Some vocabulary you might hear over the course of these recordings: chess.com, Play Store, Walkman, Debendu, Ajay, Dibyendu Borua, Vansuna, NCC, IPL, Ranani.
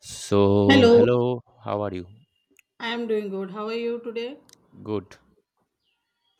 So, Hello, hello, how are you? I am doing good. How are you today? Good.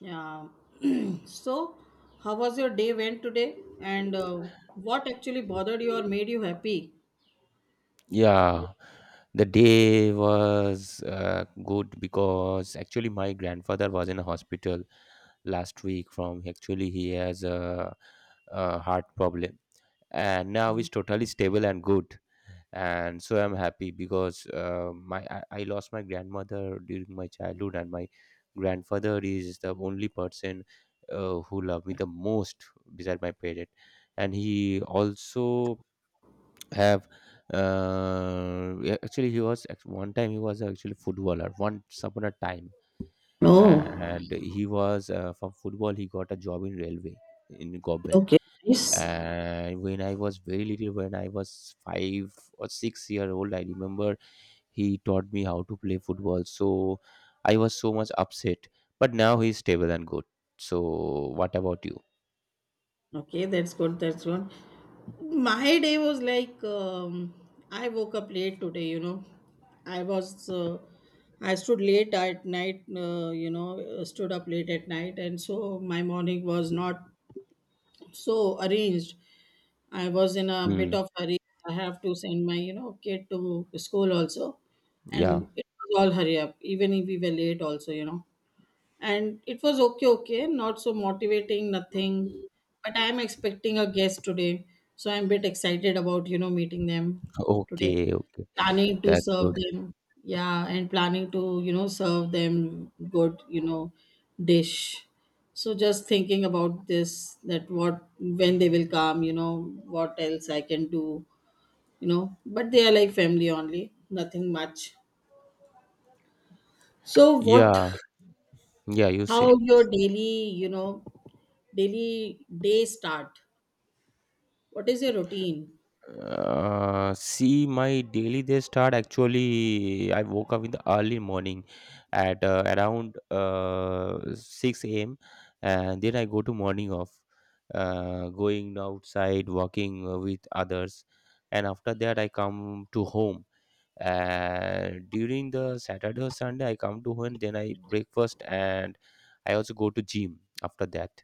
Yeah. So, how was your day went today? And what actually bothered you or made you happy? Yeah, the day was good because actually my grandfather was in a hospital last week from actually he has a heart problem and now he's totally stable and good. And so I'm happy because I lost my grandmother during my childhood and my grandfather is the only person who loved me the most beside my parent, and he also have yeah, actually he was one time he was actually footballer once upon a time. Oh, And he was from football he got a job in railway in government. okay, nice. And when I was very little, when I was 5 or 6 year old, I remember he taught me how to play football. So I was so much upset. But now he's stable and good. So what about you? Okay, that's good. That's good. My day was like I woke up late today. You know, I was uh, I stood late at night. You know, stood up late at night, and so my morning was not so arranged. I was in a bit Hmm. of hurry. I have to send my, kid to school also. Yeah. And it was all hurry up, even if we were late also, and it was okay, not so motivating, nothing, but I am expecting a guest today, so I'm bit excited about meeting them today, Okay. Okay. planning to That's serve good. them. Yeah, and planning to serve them good, dish. So just thinking about this that what when they will come, what else I can do, but they are like family only, nothing much. So what? Yeah. Yeah. You say. How your daily, daily day start? What is your routine? See, my daily they start actually. I woke up in the early morning at around 6 a.m., and then I go to morning off, going outside, walking with others, and after that I come to home. And during the Saturday or Sunday, I come to home, then I breakfast, and I also go to gym after that.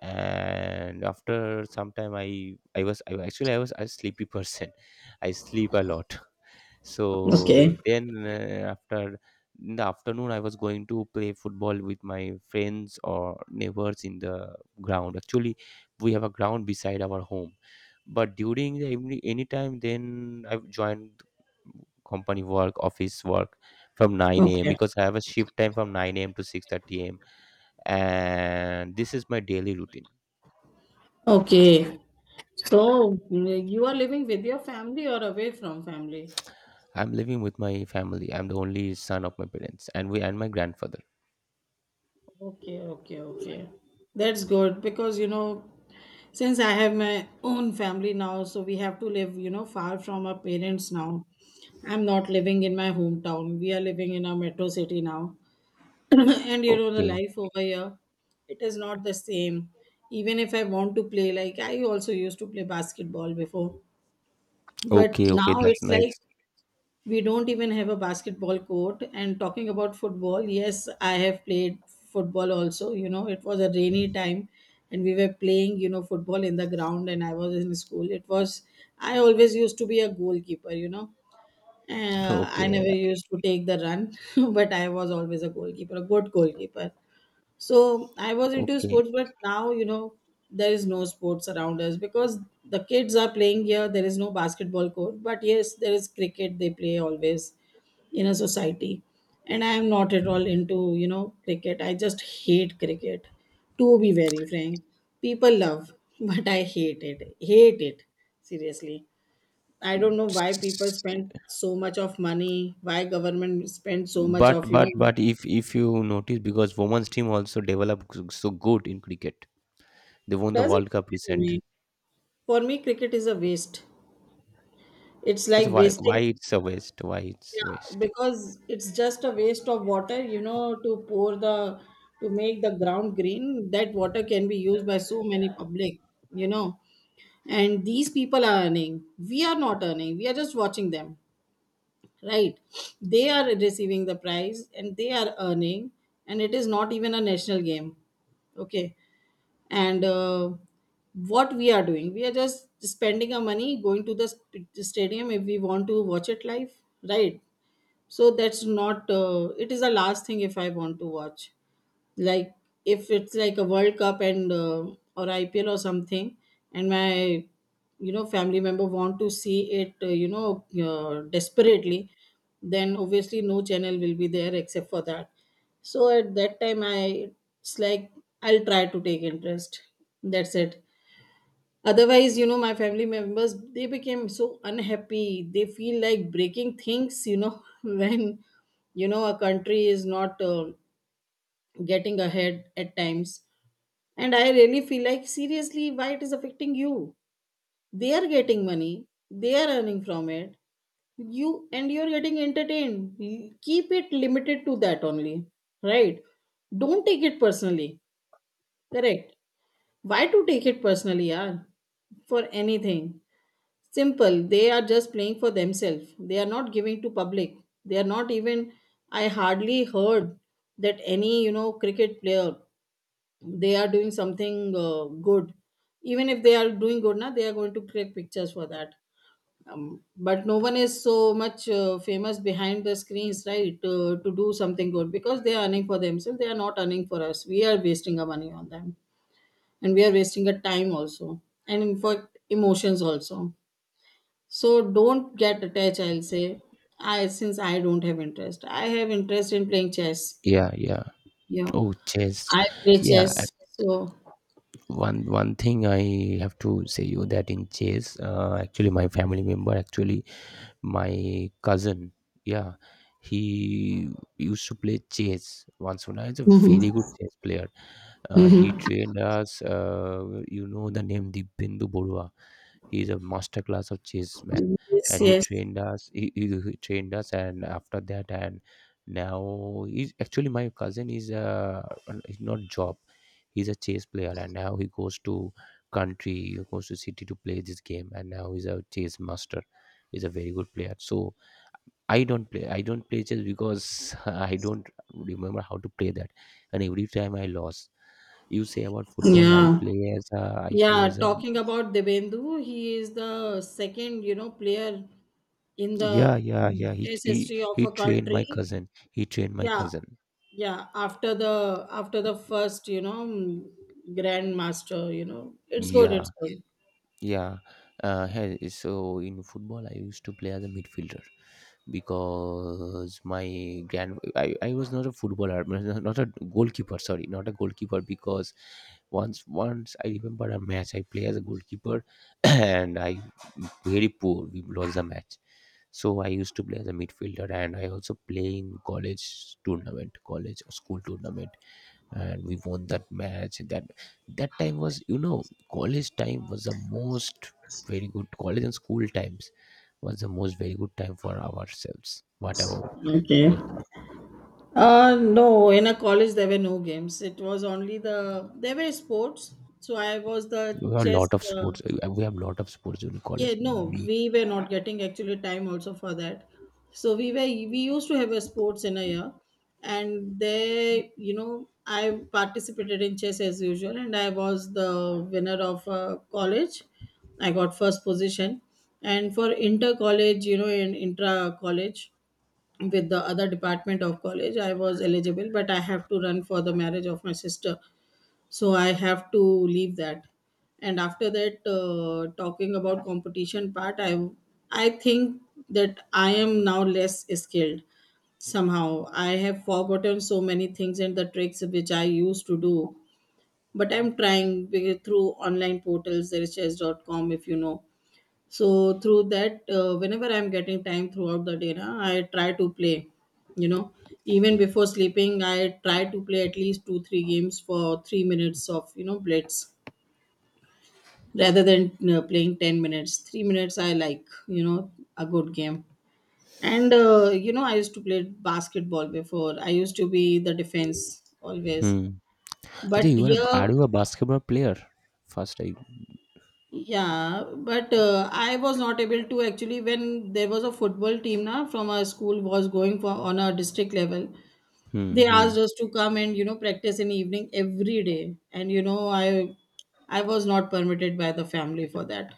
And after some time I was a sleepy person, I sleep a lot. So Okay. then after, in the afternoon, I was going to play football with my friends or neighbors in the ground. Actually, we have a ground beside our home. But during the evening anytime then I've joined company work, office work from 9 a.m. Okay. because I have a shift time from 9 a.m. To 6:30. And this is my daily routine. Okay. So you are living with your family or away from family? I'm living with my family. I'm the only son of my parents, and we and my grandfather. Okay, okay, okay. That's good because since I have my own family now, so we have to live, far from our parents now. I'm not living in my hometown. We are living in a metro city now. And the Okay, life over here, it is not the same, even if I want to play, like, I also used to play basketball before, but okay, okay. now That's it's like nice. we don't even have a basketball court. And talking about football, yes, I have played football also, it was a rainy time, and we were playing football in the ground, and I was in school. It was I always used to be a goalkeeper. I Okay, never used to take the run. But I was always a goalkeeper, a good goalkeeper. So I was into okay. sports, but now, there is no sports around us because the kids are playing here. There is no basketball court, but yes, there is cricket they play always in a society. And I am not at all into, cricket. I just hate cricket, to be very frank. People love, but I hate it. Hate it, seriously. I don't know why people spend so much of money, why government spend so much of, But you but know, but if you notice, because women's team also developed so good in cricket, they won the Doesn't World Cup matter to recent. me. For me, cricket is a waste. It's That's like why wasting, why it's a waste. Why it's yeah, waste. because it's just a waste of water, to pour the, to make the ground green. That water can be used by so many public, you know. And these people are earning. We are not earning. We are just watching them, right? They are receiving the prize and they are earning, and it is not even a national game. Okay. And what we are doing, we are just spending our money going to the stadium if we want to watch it live, right? So that's not it is the last thing if I want to watch, like, if it's like a World Cup and or IPL or something, and my family member want to see it, desperately, then obviously no channel will be there except for that. So at that time, I it's like I'll try to take interest. That's it. Otherwise, my family members, they became so unhappy. They feel like breaking things, when a country is not getting ahead at times, and I really feel like, seriously, why it is affecting you. They are getting money, they are earning from it. You and you're getting entertained. Keep it limited to that only, right? Don't take it personally, correct? Why to take it personally, yaar? For anything. Simple, they are just playing for themselves, they are not giving to public. They are not even, I hardly heard that any cricket player, they are doing something good. Even if they are doing good now, they are going to create pictures for that. But no one is so much famous behind the screens, right, to do something good because they are earning for themselves, they are not earning for us, we are wasting our money on them, and we are wasting our time also, and in fact emotions also. So don't get attached, I'll say. I Since I don't have interest, I have interest in playing chess. Yeah, yeah. you know Oh, chess. I play Yeah, I- chess, so. one one thing I have to say you that in chess, actually my family member, actually my cousin, yeah, he used to play chess. Vansuna is a very good Mm-hmm. chess player. He trained us. You know the name Dibyendu Borua. He's a master class of chess man, Yes, and he yes. trained us. He trained us, and after that, and now he's actually, my cousin is he's not job. He's a chess player, and now he goes to country, he goes to city to play this game, and now he's a chess master. He's a very good player. So I don't play. I don't play chess because I don't remember how to play that, and every time I lost. You say about football, i Yeah. play as a i play Yeah, as a talking about Debendu, he is the second, player in Yeah, the yeah, yeah. He test he history of he a trained my country. cousin. He trained my Yeah, cousin. yeah. After the first, grandmaster, it's good. Yeah, It's good. yeah. Hey, so in football, I used to play as a midfielder because my grand. I was not a footballer, not a goalkeeper. Sorry, not a goalkeeper because once I remember a match I play as a goalkeeper and I very poor. We lost the match. So I used to play as a midfielder, and I also play in college tournament, college or school tournament, and we won that match. That time was, college time was the most, very good college and school times was the most very good time for ourselves. What about Okay. your thought? No, in a college there were no games. It was only there were sports. So I was the chess. Uh, We have a lot of sports during Yeah, college, no, me. we were not getting actually time also for that. So we used to have a sports in a year, and they, I participated in chess as usual, and I was the winner of college. I got first position, and for inter college, in intra college with the other department of college, I was eligible, but I have to run for the marriage of my sister, so I have to leave that. And after that, talking about competition part, I think that I am now less skilled. Somehow I have forgotten so many things and the tricks which I used to do, but I'm trying through online portals, there's chess.com if you know. So through that, whenever I'm getting time throughout the day, na, I try to play. You know, even before sleeping, I try to play at least two three games for 3 minutes of blitz, rather than playing 10 minutes. 3 minutes I like, a good game. And I used to play basketball before. I used to be the defense always. Hmm. But Ajay, you are a, here. are you a basketball player first I. Yeah, but I was not able to actually when there was a football team now from our school was going for on a district level. Hmm. They Hmm. asked us to come and practice in evening every day, and I was not permitted by the family for that.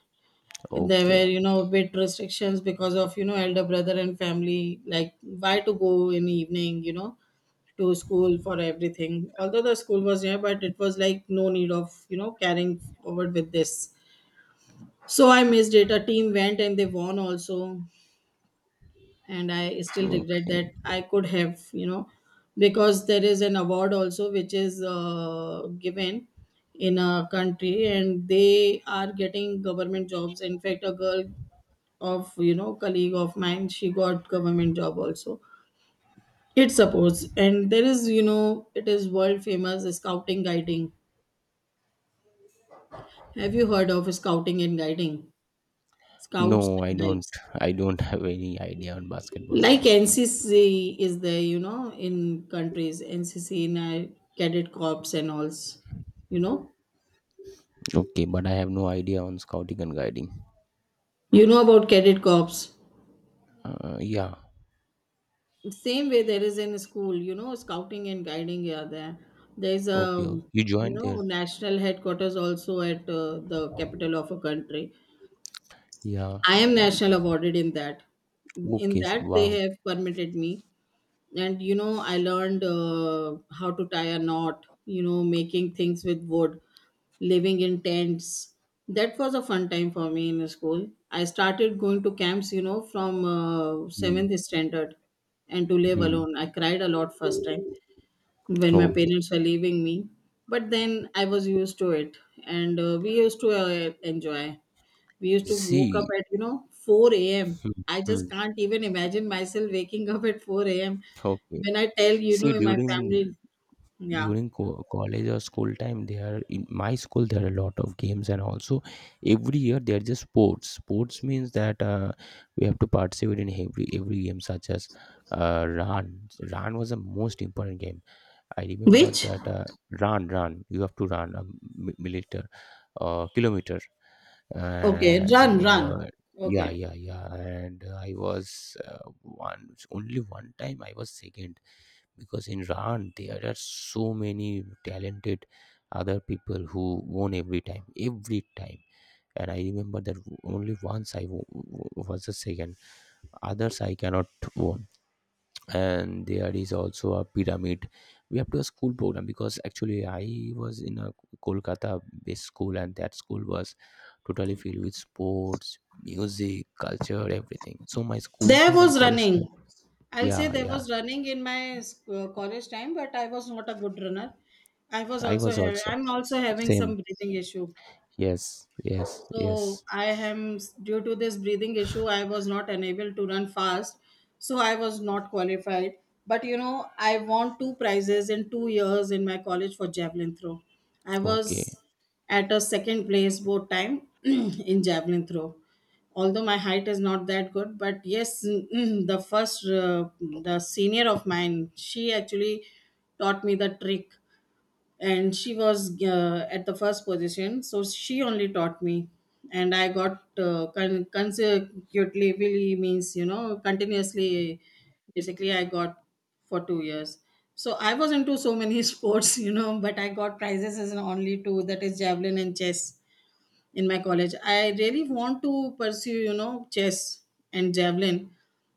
There were Okay, bit restrictions because of elder brother and family, like why to go in evening to school for everything. Although the school was here, but it was like no need of carrying forward with this. So I missed it. A team went and they won also. And I still okay. regret that I could have, because there is an award also which is given in a country and they are getting government jobs. In fact, a girl of, colleague of mine, she got government job also. It supports. And there is, it is world famous scouting guiding. Have you heard of scouting and guiding? Scouts No, I and don't. guides. I don't have any idea on basketball. Like NCC is there, in countries, NCC in cadet corps and alls, you know. Okay, but I have no idea on scouting and guiding. You know about cadet corps. Yeah. Same way there is in school, scouting and guiding are there. There's Okay, a, okay. You you joined know, there. national headquarters also at the capital of a country. Yeah, I am yeah. national awarded in that. In Okay, so that they wow. have permitted me, and I learned how to tie a knot, making things with wood, living in tents. That was a fun time for me in school. I started going to camps from Hmm. 7th standard. And to live Hmm. alone, I cried a lot first time when my Okay. parents were leaving me. But then I was used to it. And we used to enjoy. We used to woke up See. at 4 a.m. Hmm. I just Hmm. can't even imagine myself waking up at 4 a.m. Okay. when I tell, See, in my during family. Yeah. during co- college or school time, there in my school there are a lot of games, and also every year there are just sports. Sports means that we have to participate in every game, such as run. Run was the most important game. I remember Which? that run, you have to run a milliliter, kilometer, Okay, and run, run. uh, yeah, Okay. yeah, yeah. And I was one only one time I was second because in run there are so many talented other people who won every time, every time. And I remember that only once I was the second. Others I cannot won, and there is also a pyramid we have to, a school program, because actually I was in a Kolkata based school, and that school was totally filled with sports, music, culture, everything. So my school There time and was college running. time, I'll say yeah, there yeah, was running in my college time, but I was not a good runner. I was I also was also I'm also having same, some breathing issue. yes, yes, So yes, I am due to this breathing issue, I was not unable to run fast. So I was not qualified. But I won two prizes in 2 years in my college for javelin throw. I okay. was at a second place both time in javelin throw. Although my height is not that good, but yes, the senior of mine, she actually taught me the trick, and she was at the first position, so she only taught me. And I got consecutively, means you know, continuously, basically I got for 2 years. So I was into so many sports, you know, but I got prizes as in only two, that is javelin and chess. In my college I really want to pursue, you know, chess and javelin,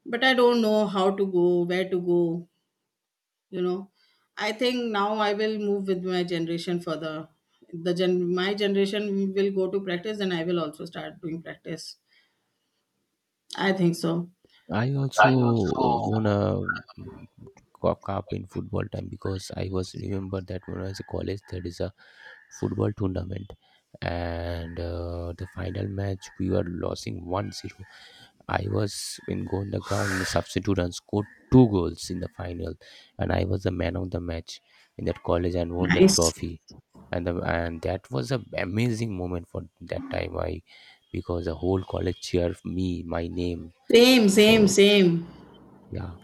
but I don't know how to go, where to go, you know. I think now I will move with my generation further. The gen my generation will go to practice and I will also start doing practice, I think so. I I also also. won a cup in football time because I was remember that when I was in college there is a football tournament, and the final match we were losing 1-0. I was in go on the ground in the substitute and scored two goals in the final, and I was the man of the match in that college and won the Nice. trophy, and that was a amazing moment for that time I, because the whole college cheered me my name. Same, same, So same. yeah.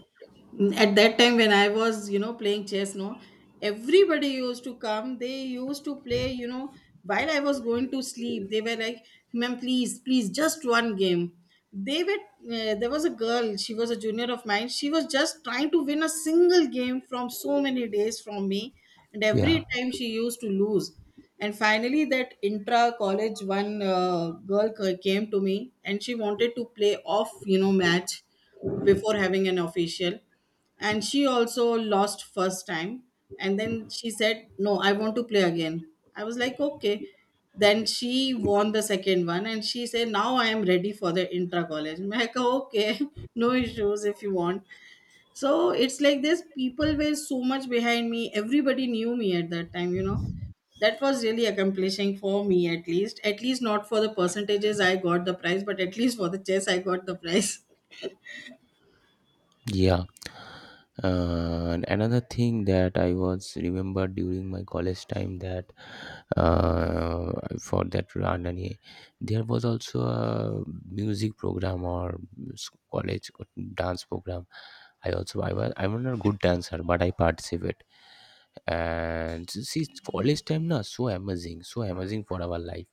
At that time when I was, you know, playing chess, no, everybody used to come, they used to play, you know. While I was going to sleep, they were like, ma'am, please please, just one game. They were There was a girl, she was a junior of mine, she was just trying to win a single game from so many days from me, and Yeah, every time she used to lose. And finally, that intra college one, girl came to me and she wanted to play off, you know, match, before having an official. And she also lost first time, and then she said, no, I want to play again. I was like, okay. Then she won the second one and she said, now I am ready for the intra college. I like, okay. No issues if you want. So it's like this, people were so much behind me, everybody knew me at that time, you know. That was really accomplishing for me, at least, at least not for the percentages I got the prize, but at least for the chess I got the prize. yeah. And another thing that I was remembered during my college time, that uh, for that Ranani, there was also a music program, or college dance program. I also I was I'm not a good dancer, but I participate. And see, college time na, so amazing for our life,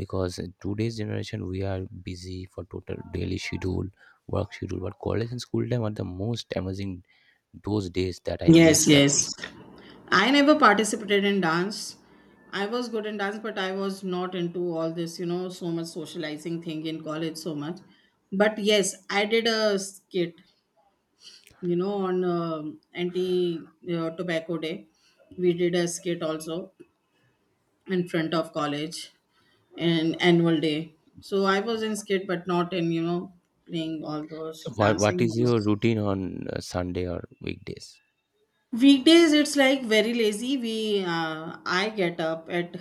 because in today's generation we are busy for total daily schedule, work schedule, but college and school time are the most amazing. Those days that I Yes, missed a lot. yes. I never participated in dance. I was good in dance, but I was not into all this, you know, so much socializing thing in college, so much. But yes, I did a skit, you know, on anti tobacco day. We did a skit also in front of college and annual day. So I was in skit, but not in, you know, playing all those So what dancing. is Was. your routine on Sunday or weekdays? Weekdays it's like very lazy. We I get up at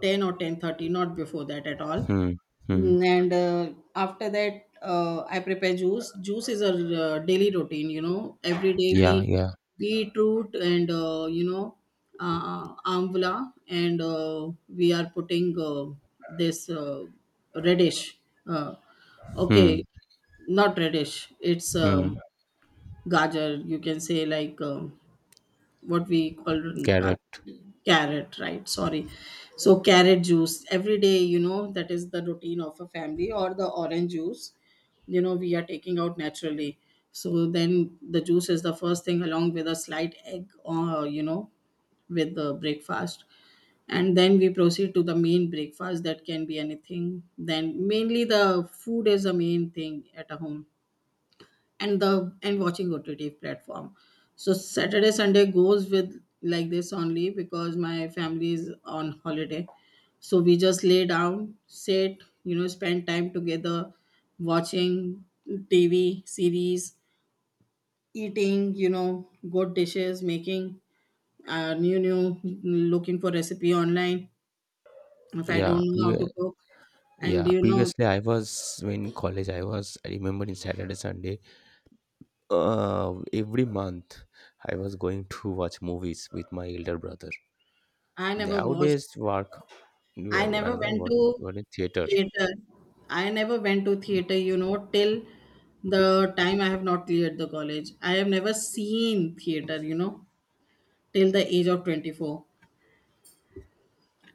10 or 10:30, not before that at all. Hmm, hmm. Mm. And after that I prepare juice. Juice is a daily routine, you know. Every day we Yeah, yeah. beetroot and you know, amla and we are putting this radish. Uh, okay, Hmm, not radish. It's hmm. gajar, you can say, like what we call in. Carrot. Carrot, right, sorry. So carrot juice every day, you know, that is the routine of a family, or the orange juice, you know, we are taking out naturally. So then the juice is the first thing, along with a slight egg or, you know, with the breakfast. And then we proceed to the main breakfast, that can be anything. Then mainly the food is the main thing at a home. And watching OTT platform. So Saturday Sunday goes with like this only because my family is on holiday. So we just lay down, sit, you know, spend time together, watching TV series, eating, you know, good dishes, making new new looking for recipe online if I Yeah, don't know how to cook and you know. previously I was in college I was I remember in Saturday, Sunday, every month I was going to watch movies with my elder brother. I never watched. Nowadays work. We I have never another went one, to one in theater. theater. I never went to theater, you know, till the time I have not cleared the college. I have never seen theater, you know, till the age of 24.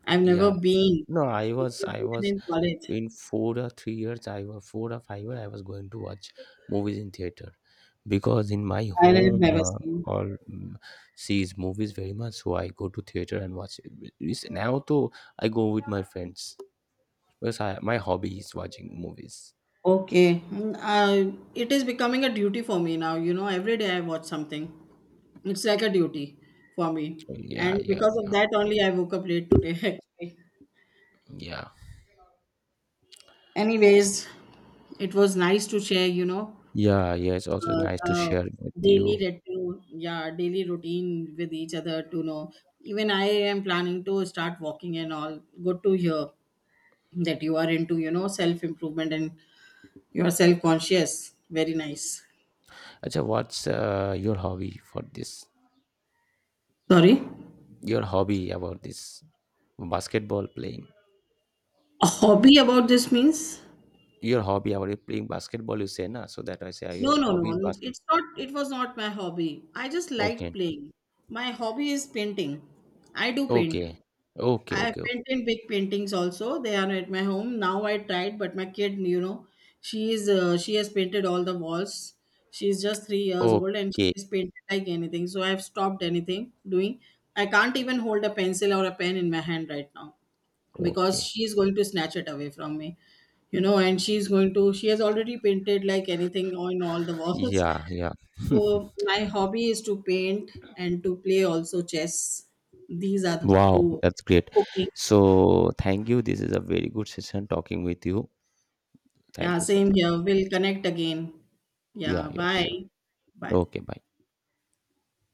I've never Yeah, been, no, I was not I even was in college. in 4 or 3 years. I was four or five years, I was going to watch movies in theater because in my I have home never seen. all sees movies very much. So I go to theater and watch it. Now though, I go with my friends because my hobby is watching movies. Okay. Mm. It is becoming a duty for me now. You know, every day I watch something. It's like a duty for me. Yeah, And yeah, because of yeah, that only I woke up late today actually. yeah, Anyways, it was nice to share, you know, yeah, yeah. It's also uh, nice to uh, share with daily you. routine, yeah, daily routine with each other to know. Even I am planning to start walking and all. Good to hear that you are into, you know, self improvement and you are self conscious. Very nice. Acha, what's your hobby for this? Sorry, Your hobby about this, basketball playing. a hobby about this means? Your hobby about you playing basketball, you say na, so that I say, are No, your no, hobby is no, basketball? it's not. It was not my hobby. I just liked Okay, playing. My hobby is painting. I do paint. okay, okay. I have Okay, okay, painted big paintings also. They are at my home. Now I tried, but my kid, you know, she is she has painted all the walls. She is just 3 years old and she okay, has painted like anything. So I've stopped anything doing. I can't even hold a pencil or a pen in my hand right now because okay. she is going to snatch it away from me. You know, and she's going to she has already painted like anything on all the walls. Yeah, yeah. So my hobby is to paint and to play also chess. These are the Wow, two. that's great. Cooking. So thank you, this is a very good session talking with you. Yeah, Thank you so same much. here. We'll connect again. Yeah, Yeah, yeah, bye. sure. Bye. Okay, bye.